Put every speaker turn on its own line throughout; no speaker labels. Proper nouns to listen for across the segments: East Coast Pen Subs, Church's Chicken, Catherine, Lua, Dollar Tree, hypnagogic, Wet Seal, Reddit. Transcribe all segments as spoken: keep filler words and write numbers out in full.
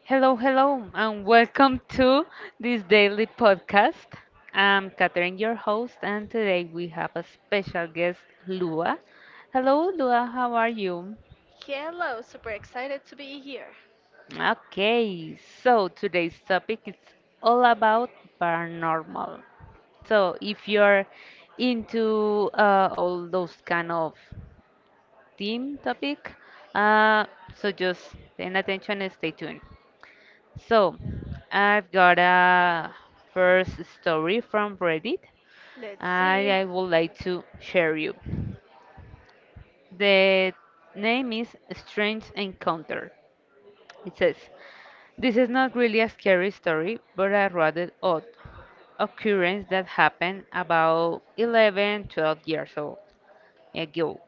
Hello, hello, and welcome to this daily podcast. I'm Catherine, your host, and today we have a special guest, Lua. Hello, Lua, how are you?
Hello, super excited to be here.
Okay, so today's topic is all about paranormal. So if you're into uh, all those kind of theme topic, uh, so just pay attention and stay tuned. So, I've got a first story from Reddit.
Let's
I,
see.
I would like to share you. The name is Strange Encounter. It says, "This is not really a scary story, but a rather odd occurrence that happened about eleven, twelve years old ago.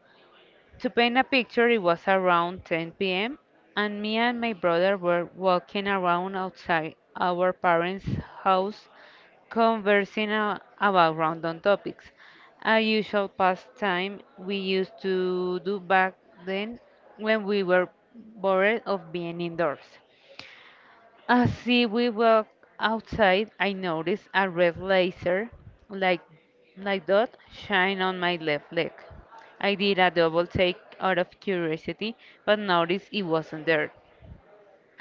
To paint a picture, it was around ten p m, and me and my brother were walking around outside our parents' house conversing a- about random topics, a usual pastime we used to do back then when we were bored of being indoors. As we walk outside, I noticed a red laser like like dot shine on my left leg. I did a double take out of curiosity, but noticed it wasn't there.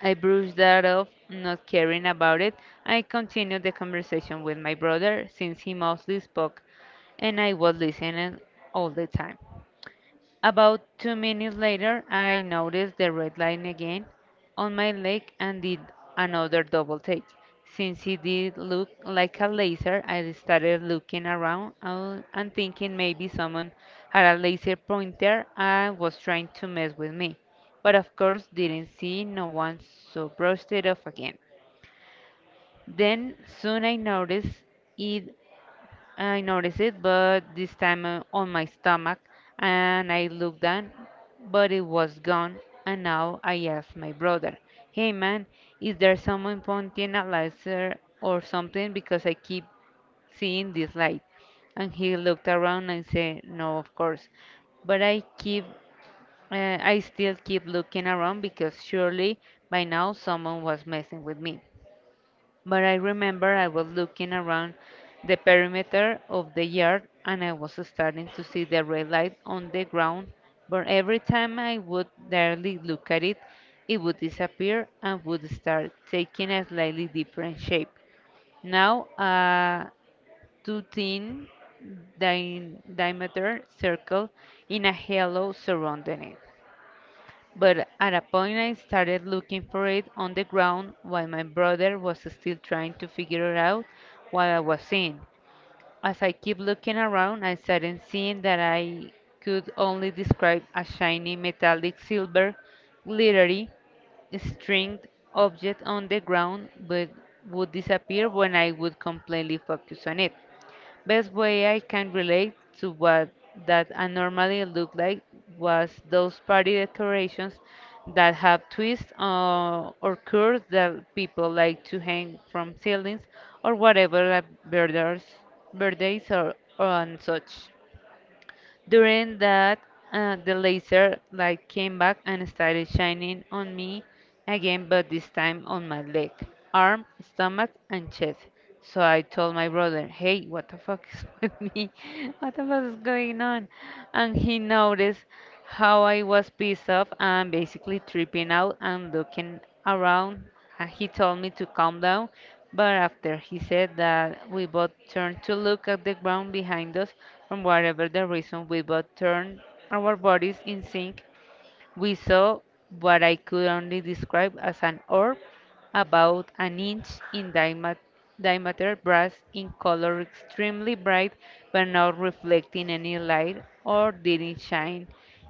I brushed that off, not caring about it. I continued the conversation with my brother since he mostly spoke and I was listening all the time. About two minutes later, I noticed the red line again on my leg and did another double take. Since it did look like a laser, I started looking around uh, and thinking maybe someone had a laser pointer and was trying to mess with me. But of course, didn't see no one, so brushed it off again. Then soon I noticed it I noticed it, but this time uh, on my stomach, and I looked down, but it was gone. And now I asked my brother, 'Hey man, is there someone pointing a laser or something? Because I keep seeing this light.' And he looked around and said, 'No, of course, but I keep, uh, I still keep looking around because surely by now someone was messing with me.' But I remember I was looking around the perimeter of the yard and I was starting to see the red light on the ground, but every time I would barely look at it, it would disappear and would start taking a slightly different shape. Now a two thin di- diameter circle in a halo surrounding it. But at a point I started looking for it on the ground while my brother was still trying to figure it out what I was seeing. As I kept looking around, I started seeing that I could only describe a shiny metallic silver glittery stringed object on the ground but would disappear when I would completely focus on it. Best way I can relate to what that I normally look like was those party decorations that have twists uh, or curves that people like to hang from ceilings or whatever at birthdays, birthdays or, or and such. During that, uh, the laser light came back and started shining on me again, but this time on my leg, arm, stomach, and chest. So I told my brother, hey, what the fuck is with me? What the fuck is going on? And he noticed how I was pissed off and basically tripping out and looking around and he told me to calm down, but after he said that, we both turned to look at the ground behind us. For whatever the reason, we both turned our bodies in sync we saw what I could only describe as an orb about an inch in diamet- diameter, brass in color, extremely bright, but not reflecting any light or didn't shine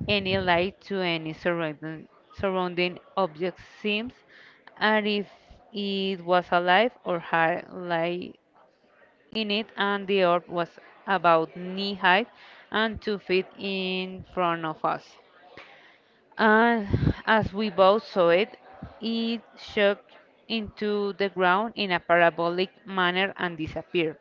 any light to any surrounding, surrounding object seems, and if it was alive or had light in it, and the orb was about knee high and two feet in front of us. And as we both saw it, it shook into the ground in a parabolic manner and disappeared.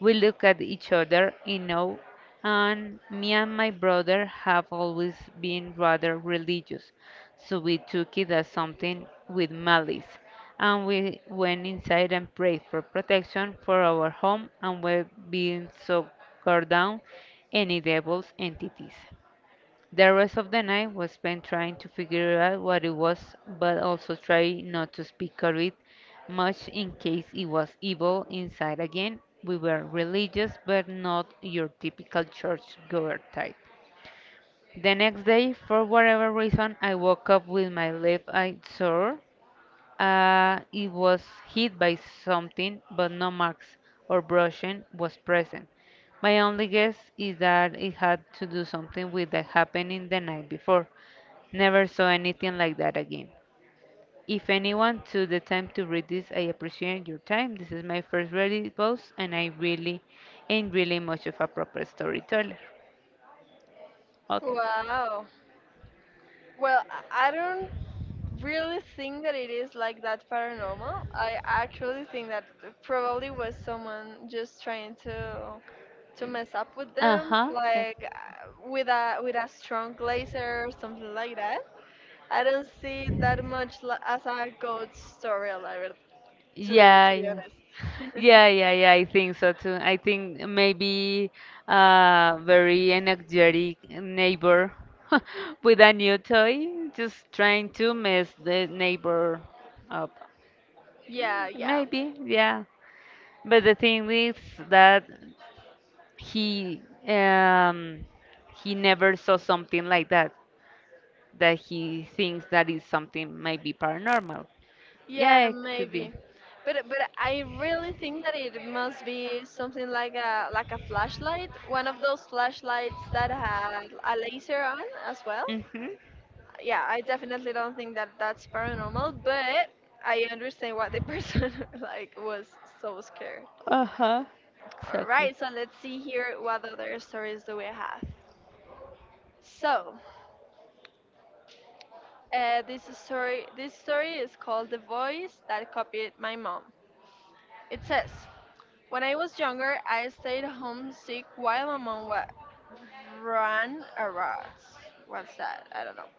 We looked at each other in awe, and me and my brother have always been rather religious, so we took it as something with malice, and we went inside and prayed for protection for our home and were being so guard down any devil's entities. The rest of the night was spent trying to figure out what it was, but also trying not to speak of it much in case it was evil inside again. We were religious, but not your typical churchgoer type. The next day, for whatever reason, I woke up with my left eye sore. Uh, it was hit by something, but no marks or brushing was present. My only guess is that it had to do something with the happening the night before. Never saw anything like that again. If anyone took the time to read this, I appreciate your time. This is my first Reddit post, and I really ain't really much of a proper storyteller." Okay.
Wow. Well, I I don't really think that it is like that paranormal. I actually think that probably was someone just trying to to mess up with
Uh
them,
huh.
like uh, with a with a strong laser or something like that. I don't see it that much li- as a ghost story, la to be
Yeah,
to be
yeah.
honest.
Yeah, yeah, yeah, I think so too. I think maybe a very energetic neighbor with a new toy, just trying to mess the neighbor up.
Yeah, yeah.
Maybe, yeah. But the thing is that he um he never saw something like that, that he thinks that is something maybe paranormal.
Yeah,
Yeah, it could be.
maybe. But but I really think that it must be something like a like a flashlight, one of those flashlights that had a laser on as well.
Mm-hmm.
Yeah, I definitely don't think that that's paranormal, but I understand why the person like was so scared.
Uh-huh.
All
Exactly.
right, so let's see here what other stories do we have. So, uh, this story this story is called "The Voice That Copied My Mom." It says. When I was younger, I stayed homesick while my mom wa- ran errands. What's that? I don't know.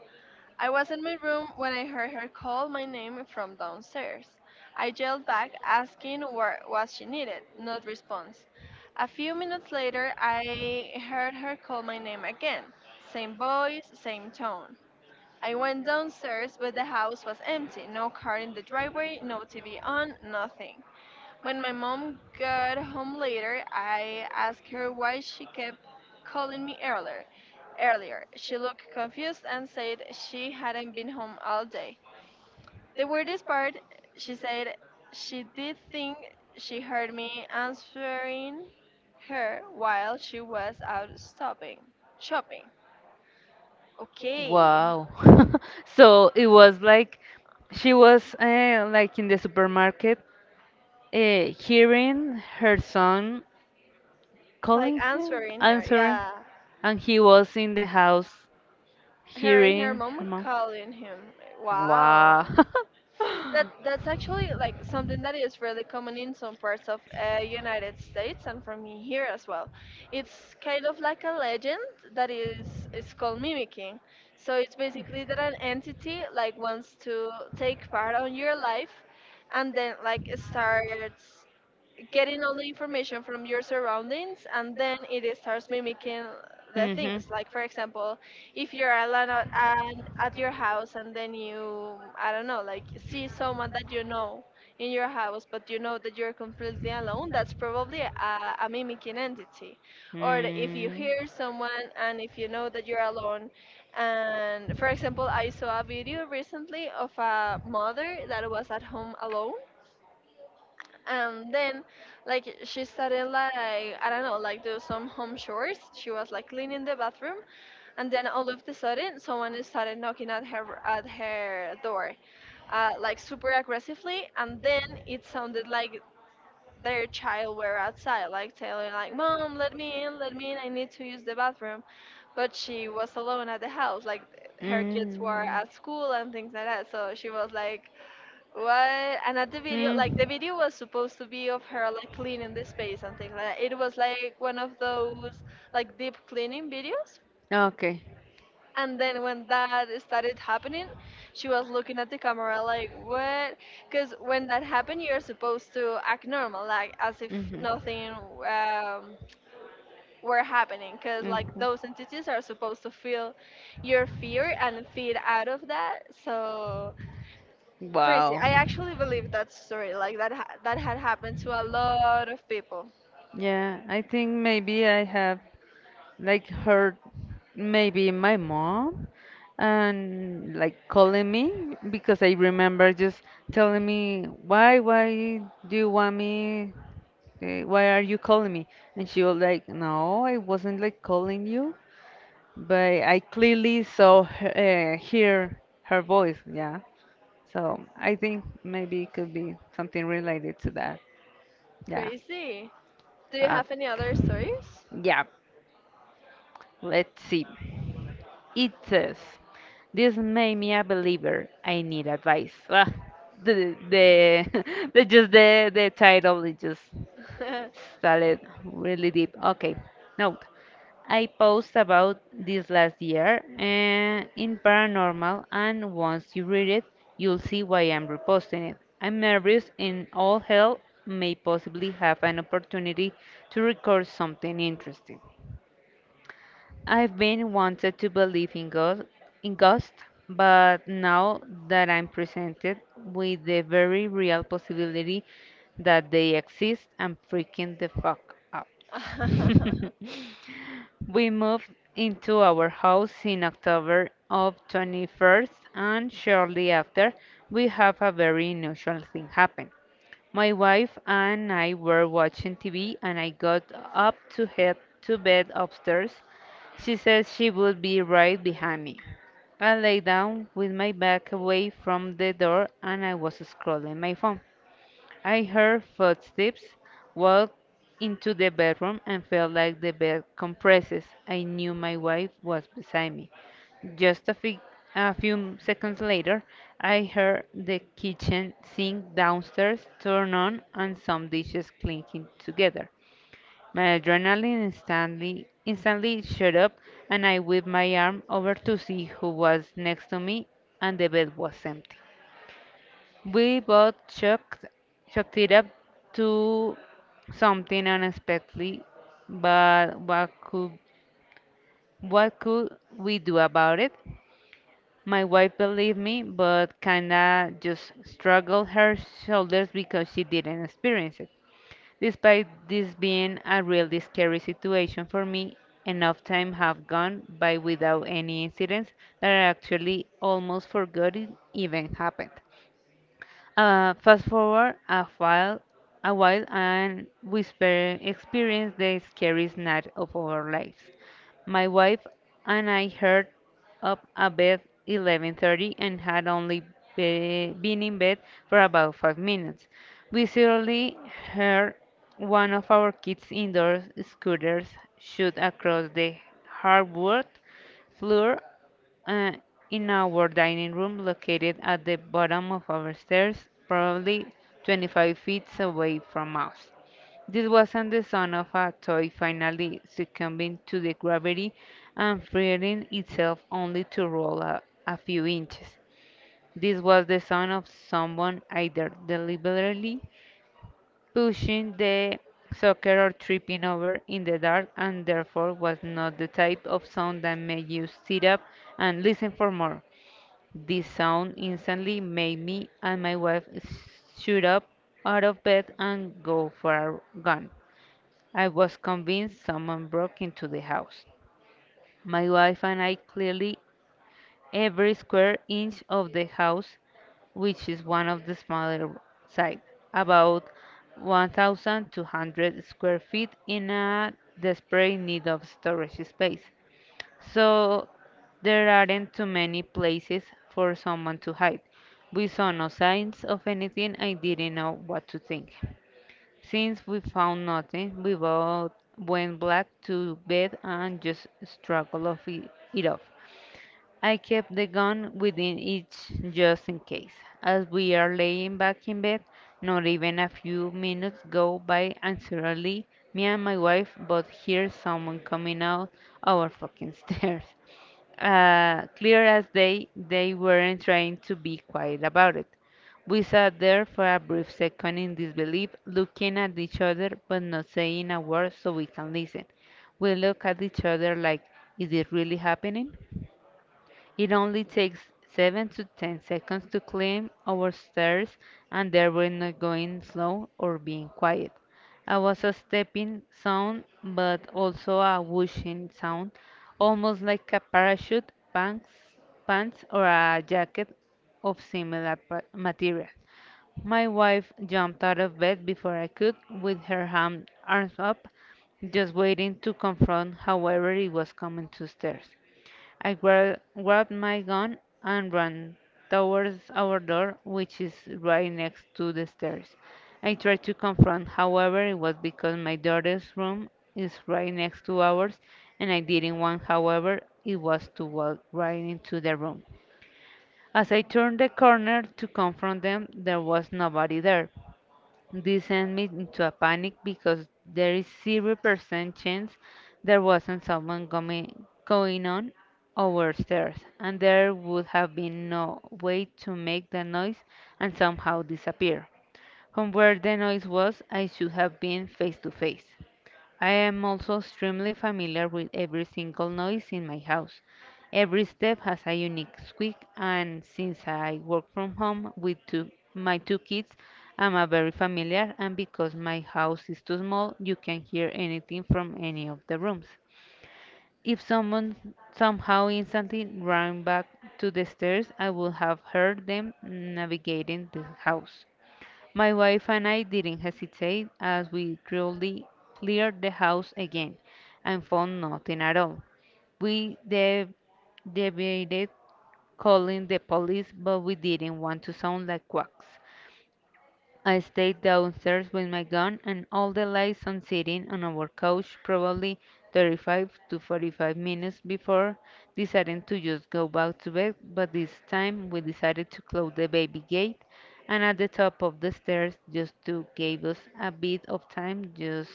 I was in my room when I heard her call my name from downstairs. I yelled back, asking what was she needed. No response. A few minutes later, I heard her call my name again. Same voice, same tone. I went downstairs, but the house was empty. No car in the driveway, no T V on, nothing. When my mom got home later, I asked her why she kept calling me earlier. Earlier, she looked confused and said she hadn't been home all day. The weirdest part, she said she did think she heard me answering her while she was out stopping shopping. Okay,
Wow. So it was like she was uh, like in the supermarket uh, hearing her son
like
calling her,
answering her,
answering,
yeah.
and he was in the house.
Her and her
Hearing,
mom
Herman.
calling him.
Wow.
Wow. That that's actually like something that is really common in some parts of uh, United States and from here as well. It's kind of like a legend that is is called mimicking. So it's basically that an entity like wants to take part on your life, and then like starts getting all the information from your surroundings and then it is starts mimicking the
Mhm.
things like for example if you're alone at, and at your house and then you I don't know like see someone that you know in your house but you know that you're completely alone that's probably a, a mimicking entity or if you
Mm. Mm.
hear someone and if you know that you're alone and for example I saw a video recently of a mother that was at home alone and then like she started like I don't know like do some home chores, she was like cleaning the bathroom and then all of the sudden someone started knocking at her at her door uh, like super aggressively and then it sounded like their child were outside like telling like, mom let me in, let me in, I need to use the bathroom, but she was alone at the house like her kids
Mm.
were at school and things like that so she was like, well, another video, like the video was supposed to be of her like cleaning the space and things like that. It was like one of those like deep cleaning videos.
Okay.
And then when that started happening, she was looking at the camera like, what? Because when that happened, you're supposed to act normal, like as if nothing um, were happening. Because like those entities are supposed to feel your fear and feed out of that. So
I,
crazy.
Wow.
I actually believe that story. Like that ha- that had happened to a lot of people.
Yeah, I think maybe I have like her maybe my mom and like calling me because I remember just telling me why why do you want me eh, why are you calling me and she was like no I wasn't like calling you but I clearly saw her, uh, hear her voice yeah so I think maybe it could be something related to that yeah
Crazy. Do you
uh,
have any other stories?
yeah let's see. It says, "This made me a believer. I need advice." Ah, the, the, the just the, the title it just started really deep. Okay, note. I post about this last year uh, in paranormal, and once you read it, you'll see why I'm reposting it. I'm nervous, and all hell may possibly have an opportunity to record something interesting. I've been wanted to believe in ghost, in ghosts, but now that I'm presented with the very real possibility that they exist, I'm freaking the fuck out. We moved into our house in October of twenty-first, and shortly after, we have a very unusual thing happen. My wife and I were watching T V and I got up to head to bed upstairs. She said she would be right behind me. I lay down with my back away from the door and I was scrolling my phone. I heard footsteps, walked into the bedroom, and felt like the bed compresses. I knew my wife was beside me. Just a, fe- a few seconds later, I heard the kitchen sink downstairs turn on and some dishes clinking together. My adrenaline instantly, instantly shot up, and I whipped my arm over to see who was next to me, and the bed was empty. We both shook, shook it up to something unexpectedly, but what could, what could we do about it? My wife believed me, but kinda just shrugged her shoulders because she didn't experience it. Despite this being a really scary situation for me, enough time have gone by without any incidents that I actually almost forgot it even happened. Uh, fast forward a while, a while, and we spe- experience the scariest night of our lives. My wife and I heard up at bed eleven thirty and had only be- been in bed for about five minutes. We suddenly heard one of our kids' indoor scooters shoot across the hardwood floor uh, in our dining room located at the bottom of our stairs, probably twenty-five feet away from us. This wasn't the sound of a toy finally succumbing to the gravity and freeing itself only to roll a, a few inches. This was the sound of someone either deliberately pushing the soccer or tripping over in the dark and therefore was not the type of sound that made you sit up and listen for more. The sound instantly made me and my wife shoot up out of bed and go for a run. I was convinced someone broke into the house. My wife and I clearly every square inch of the house, which is one of the smaller side, about one thousand two hundred square feet in a desperate need of storage space. So there aren't too many places for someone to hide. We saw no signs of anything. I didn't know what to think. Since we found nothing, we both went back to bed and just struggled off it, it off. I kept the gun within each just in case. As we are laying back in bed, not even a few minutes go by and suddenly me and my wife both hear someone coming out our fucking stairs. Uh, clear as day, they weren't trying to be quiet about it. We sat there for a brief second in disbelief, looking at each other but not saying a word so we can listen. We look at each other like, is it really happening? It only takes seven to ten seconds to climb our stairs, and there were no going slow or being quiet. I was a stepping sound but also a whooshing sound, almost like a parachute, pants, pants or a jacket of similar pa- material. My wife jumped out of bed before I could, with her hand arms up, just waiting to confront however it was coming to stairs. I gra- grabbed my gun and ran towards our door, which is right next to the stairs. I tried to confront, however, it was because my daughter's room is right next to ours, and I didn't want, however, it was to walk right into the room. As I turned the corner to confront them, there was nobody there. This sent me into a panic because there is zero percent chance there wasn't someone coming, going on our stairs, and there would have been no way to make the noise and somehow disappear. From where the noise was, I should have been face to face. I am also extremely familiar with every single noise in my house. Every step has a unique squeak, and since I work from home with two, my two kids, I'm a very familiar. And because my house is too small, you can hear anything from any of the rooms. If someone somehow instantly ran back to the stairs, I would have heard them navigating the house. My wife and I didn't hesitate, as we thoroughly cleared the house again and found nothing at all. We de- debated calling the police, but we didn't want to sound like quacks. I stayed downstairs with my gun and all the lights on sitting on our couch probably thirty-five to forty-five minutes before deciding to just go back to bed, but this time we decided to close the baby gate and at the top of the stairs just to give us a bit of time just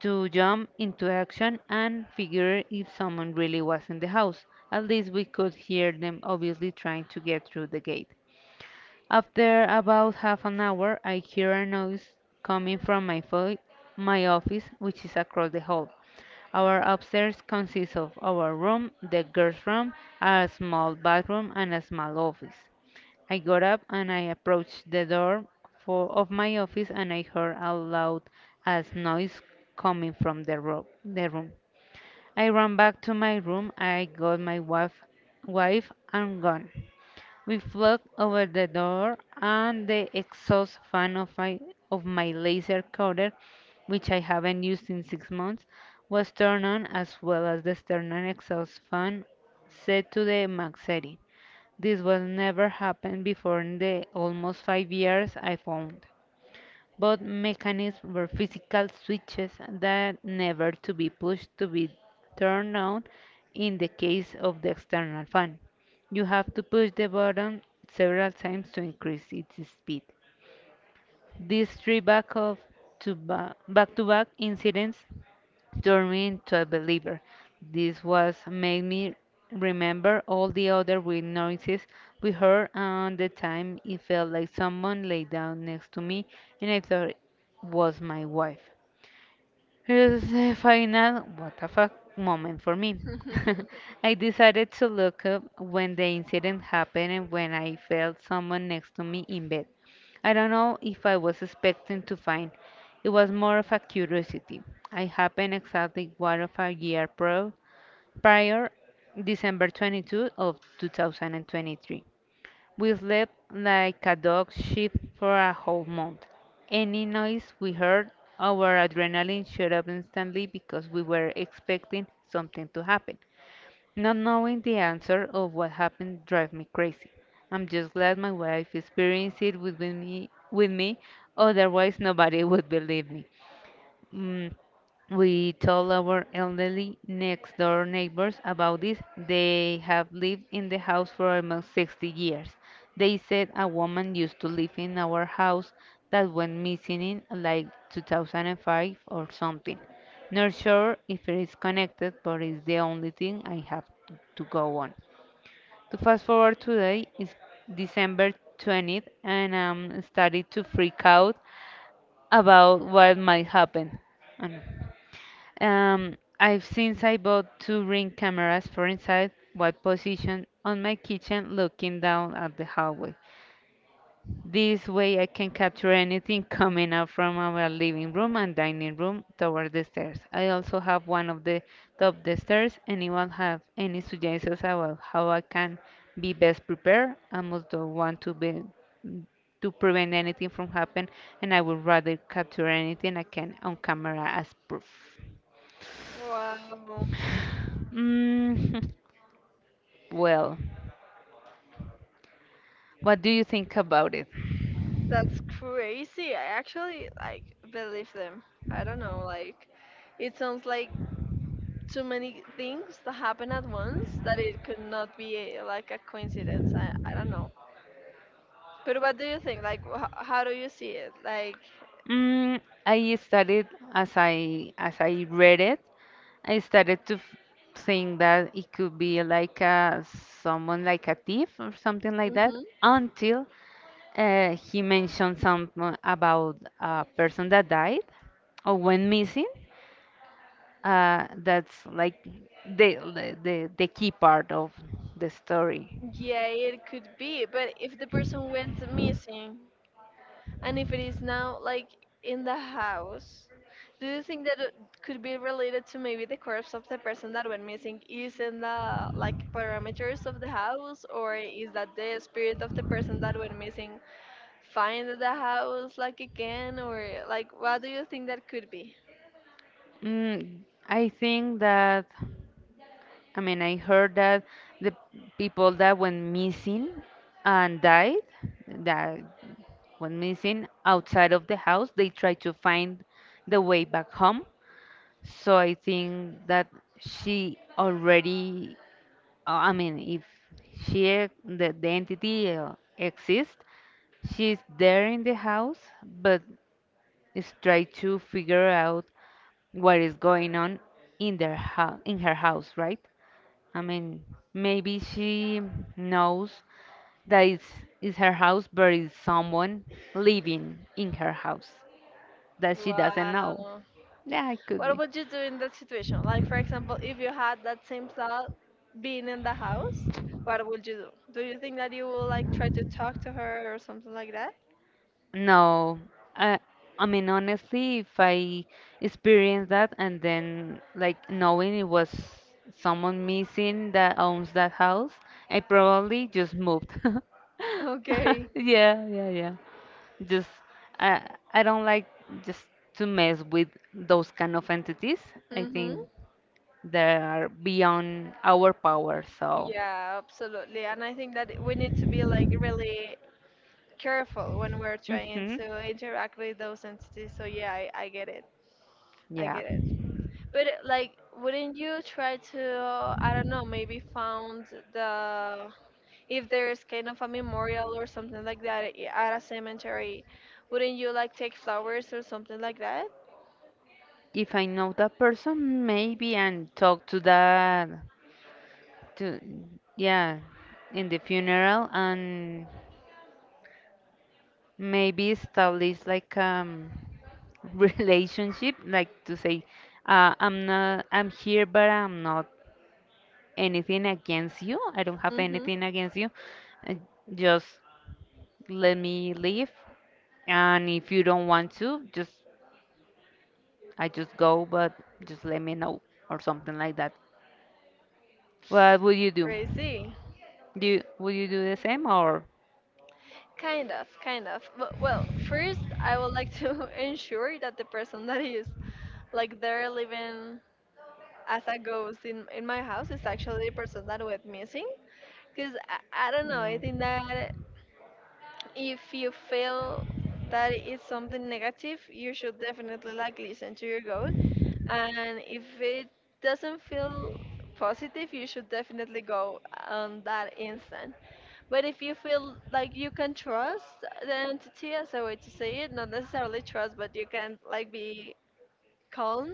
to jump into action and figure if someone really was in the house. At least we could hear them obviously trying to get through the gate. After about half an hour I hear a noise coming from my fo- my office, which is across the hall. Our upstairs consists of our room, the girls' room, a small bathroom, and a small office. I got up and I approached the door for, of my office and I heard a loud as noise coming from the, ro- the room. I ran back to my room. I got my wife, wife and gun. We flung over the door and the exhaust fan of my, of my laser cutter, which I haven't used in six months, was turned on as well as the stern exhaust fan set to the Max setting. This was never happened before in the almost five years I found. Both mechanisms were physical switches that never to be pushed to be turned on in the case of the external fan. You have to push the button several times to increase its speed. These three back of to ba- back to back incidents turned me into a believer. This was made me remember all the other weird noises we heard and the time it felt like someone lay down next to me and I thought it was my wife. It was a final, what a fuck moment for me. I decided to look up when the incident happened and when I felt someone next to me in bed. I don't know if I was expecting to find. It was more of a curiosity. I happened exactly one of a year pro prior, December twenty-second of two thousand twenty-three. We slept like a dog shit for a whole month. Any noise we heard, our adrenaline shot up instantly because we were expecting something to happen. Not knowing the answer of what happened drive me crazy. I'm just glad my wife experienced it with with me, with me, otherwise nobody would believe me. Mm, we told our elderly next door neighbors about this. They have lived in the house for almost sixty years. They said a woman used to live in our house that went missing in like two thousand five or something. Not sure if it is connected, but it's the only thing I have to go on. To fast forward today is December twentieth, and I'm starting to freak out about what might happen. Um, um, I've since I bought two ring cameras for inside white position on my kitchen looking down at the hallway. This way I can capture anything coming up from our living room and dining room toward the stairs. I also have one of the top the stairs. Anyone have any suggestions about how I can be best prepared? I must don't want to be to prevent anything from happening and I would rather capture anything I can on camera as proof.
Wow,
Mm. Well, what do you think about it?
that's crazy. I actually like believe them. I don't know, like it sounds like too many things that happen at once that it could not be a, like a coincidence. I, I don't know. But what do you think? Like, wh- how do you see it? Like,
Mm, I started as I as I read it, I started to f- think that it could be like a someone like a thief or something like that until uh, he mentioned something about a person that died or went missing. Uh, that's like the, the the the key part of the story.
yeah, it could be, but if the person went missing and if it is now like in the house, do you think that it could be related to maybe the corpse of the person that went missing is in the like parameters of the house, or is that the spirit of the person that went missing find the house like again, or like what do you think that could be?
Mm, I think that. I mean, I heard that the people that went missing and died, that went missing outside of the house, they tried to find the way back home. So I think that she already, uh, I mean, if she, e- the, the entity uh, exists, she's there in the house, but is trying to figure out what is going on in their house, in her house, right? I mean, maybe she knows that it's, it's her house, but it's someone living in her house that she doesn't know.
Wow.
Yeah, it could
What
be.
would you do in that situation? Like, for example, if you had that same thought being in the house, what would you do? Do you think that you will like try to talk to her or something like that?
No, I, I mean, honestly, if I experienced that and then like knowing it was someone missing that owns that house, I probably just moved.
Okay.
Yeah, yeah, yeah. Just I I don't like just to mess with those kind of entities. I
Mm-hmm.
think that are beyond our power. So,
Yeah, absolutely. And I think that we need to be like really careful when we're trying
mhm.
to interact with those entities. So yeah, I, I get it. I
Yeah.
get it. But like, wouldn't you try to, I don't know, maybe found the if there's kind of a memorial or something like that i- at a cemetery, wouldn't you like take flowers or something like that?
If I know that person, maybe and talk to that to yeah, in the funeral and maybe establish like um relationship, like to say, uh, I'm not I'm here but I'm not anything against you. I don't have
Mm-hmm.
anything against you. Uh, Just let me leave. And if you don't want to, just I just go, but just let me know or something like that. What would you do?
Crazy.
Do you, would you do the same or?
Kind of, kind of. But, well, first, I would like to ensure that the person that is like there living as a ghost in, in my house is actually the person that went missing. Because I, I don't know, I think that if you feel that it's something negative, you should definitely like listen to your goal. And if it doesn't feel positive, you should definitely go on that instant. But if you feel like you can trust the entity as a way to say it, not necessarily trust, but you can like be calm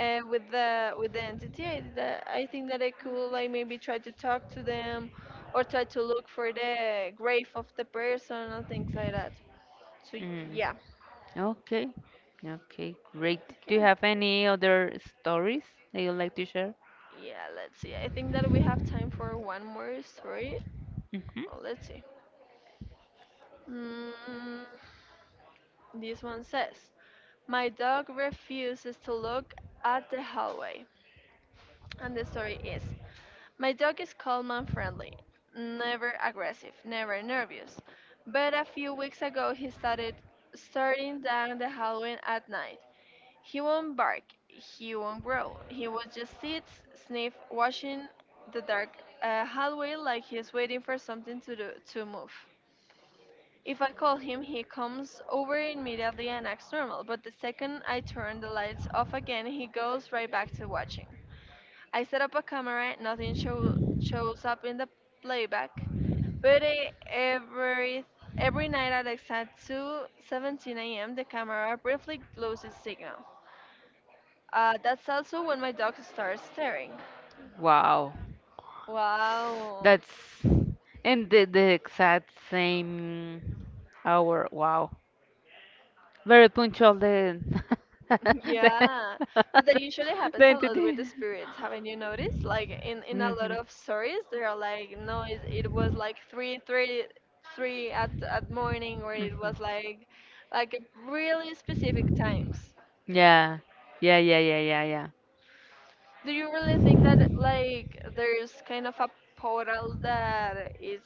uh, with the with the entity I, that I think that I could like maybe try to talk to them or try to look for the grave of the person or things like that, so
Mm,
yeah,
okay. Okay, great. Do you
okay.
have any other stories that you'd like to share?
Yeah, let's see, I think that we have time for one more story.
Hmm.
Well, let's see. Mm, this one says, my dog refuses to look at the hallway. And the story is: my dog is calm and friendly, never aggressive, never nervous. But a few weeks ago he started starting down the hallway at night. He won't bark, he won't growl. He will just sit, sniff, watching the dark uh, hallway like he's waiting for something to do, to move. If I call him, he comes over immediately and acts normal, but the second I turn the lights off again, he goes right back to watching. I set up a camera, nothing show, shows up in the playback. But eh, every every night at exact two seventeen a m, the camera briefly loses signal. Uh, that's also when my dog starts staring.
Wow.
Wow.
That's in the, the exact same hour. Wow. Very punctual the the,
Yeah, but that usually
the
happens a lot with the
entity.
spirits. Haven't you noticed? Like in in a
Mhm.
lot
Mhm.
of stories, they are like, no, it, it was like three, three, three at at morning, or it was like, like at really specific times.
Yeah, yeah, yeah, yeah, yeah, yeah.
Do you really think that like there's kind of a portal that is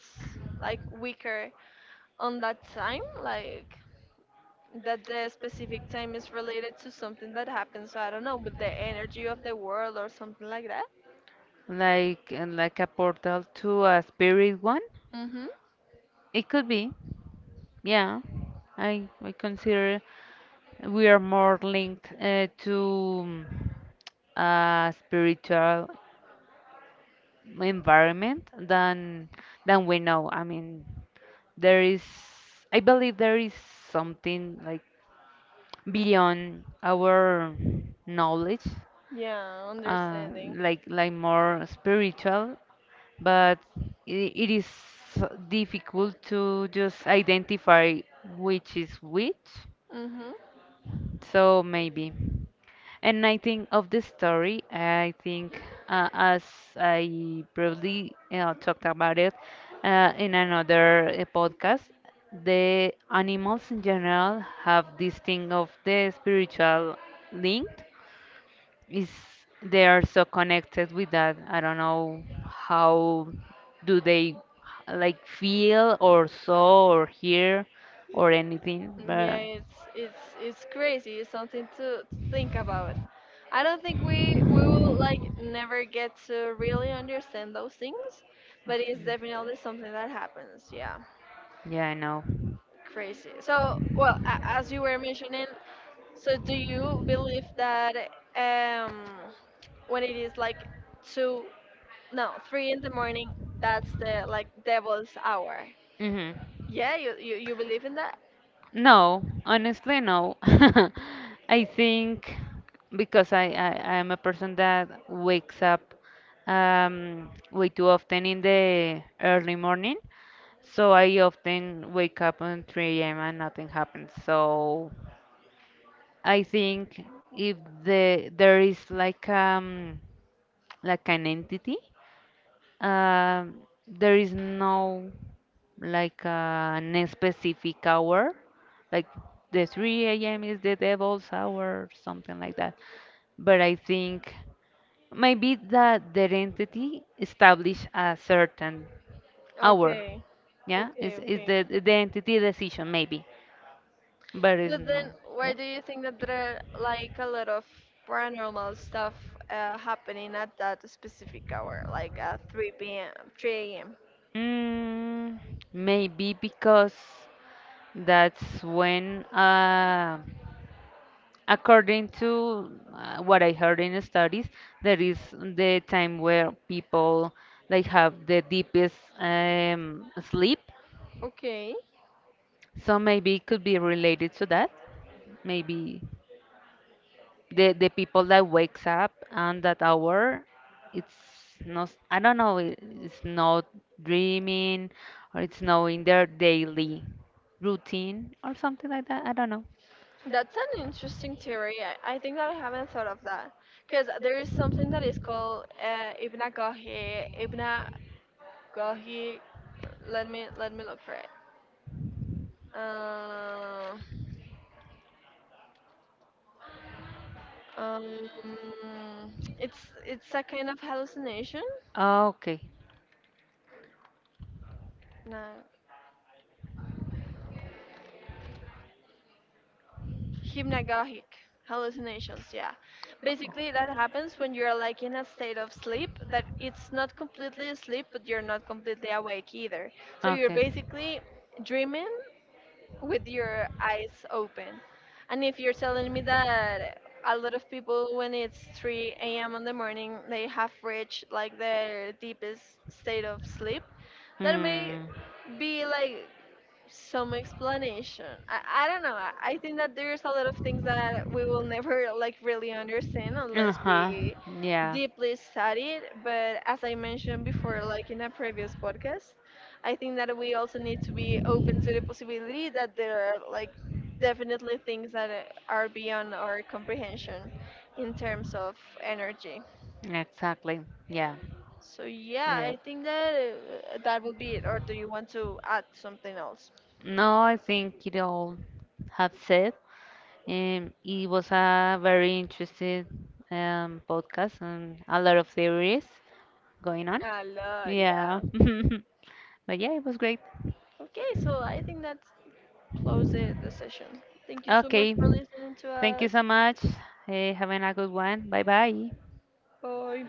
like weaker on that time? Like that the specific time is related to something that happens, I don't know, with the energy of the world or something like that?
Like and like a portal to a spirit one.
Mm-hmm.
It could be. Yeah, I I consider we are more linked uh, to mm, a spiritual environment than than we know. I mean, there is, I believe there is something like beyond our knowledge,
Yeah,
uh,
understanding.
like like more spiritual, but it, it is difficult to just identify which is which
Mm-hmm.
so maybe. And I think of this story, I think uh, as I briefly uh, talked about it uh, in another uh, podcast, the animals in general have this thing of the spiritual link. Is they are so connected with that. I don't know how do they like feel or saw or hear or anything,
Yeah,
but
it's it's it's crazy. It's something to think about. I don't think we we will like never get to really understand those things, but it's definitely something that happens. Yeah,
yeah, I
crazy. So, well, a- as you were mentioning, so do you believe that um when it is like two, no, three in the morning, that's the like devil's hour?
know.
Yeah, you you, you believe in that?
No, honestly, no. I think because I, I, I'm a person that wakes up um, way too often in the early morning. So I often wake up on three a m and nothing happens. So I think if the there is like um like an entity, um, there is no like an specific hour, like the three a m is the devil's hour, something like that. But I think maybe that the entity establish a certain hour.
Okay,
Yeah,
okay,
is is
okay.
the the entity decision maybe, but it's
But
not.
then,
Yeah.
why do you think that there are like a lot of paranormal stuff uh, happening at that specific hour, like at three p m, three a m?
Mm, maybe because that's when uh, according to uh, what I heard in studies, there is the time where people like have the deepest um, sleep.
Okay,
So maybe it could be related to that. Maybe the the people that wakes up and that hour, it's not. I don't know. it- It's not dreaming, or it's not in their daily routine or something like that. I don't know.
that's an interesting theory. I, I think that I haven't thought of that because there is something that is called uh, Ibnagohi, Ibnagohi. Let me let me look for it. Uh, um, it's it's a kind of hallucination.
Okay.
No. Hypnagogic hallucinations, yeah. Basically, that happens when you're like in a state of sleep that it's not completely asleep, but you're not completely awake either. So you're basically dreaming with your eyes open. And if you're telling me that a lot of people, when it's three a m in the morning, they have reached like their deepest state of sleep, that may
Hmm.
be like some explanation. I, I don't know. I, I think that there's a lot of things that we will never like really understand
Uh
unless
huh.
we
we Yeah.
deeply study it. But as I mentioned before, like in a previous podcast, I think that we also need to be open to the possibility that there are like definitely things that uh, are beyond our comprehension in terms of energy.
Exactly. Yeah.
So yeah, I think that uh, that would be it. Or do you want to add something else?
No, I think it all have said. Um, it was a very interesting um, podcast and a lot of theories going on.
A lot,
Yeah.
yeah.
But yeah, it was great.
Okay, so I think that's close it the session. Thank you so much
Okay.
for listening to
Thank you
us.
so much. Uh, having a good one. Bye bye.
Bye.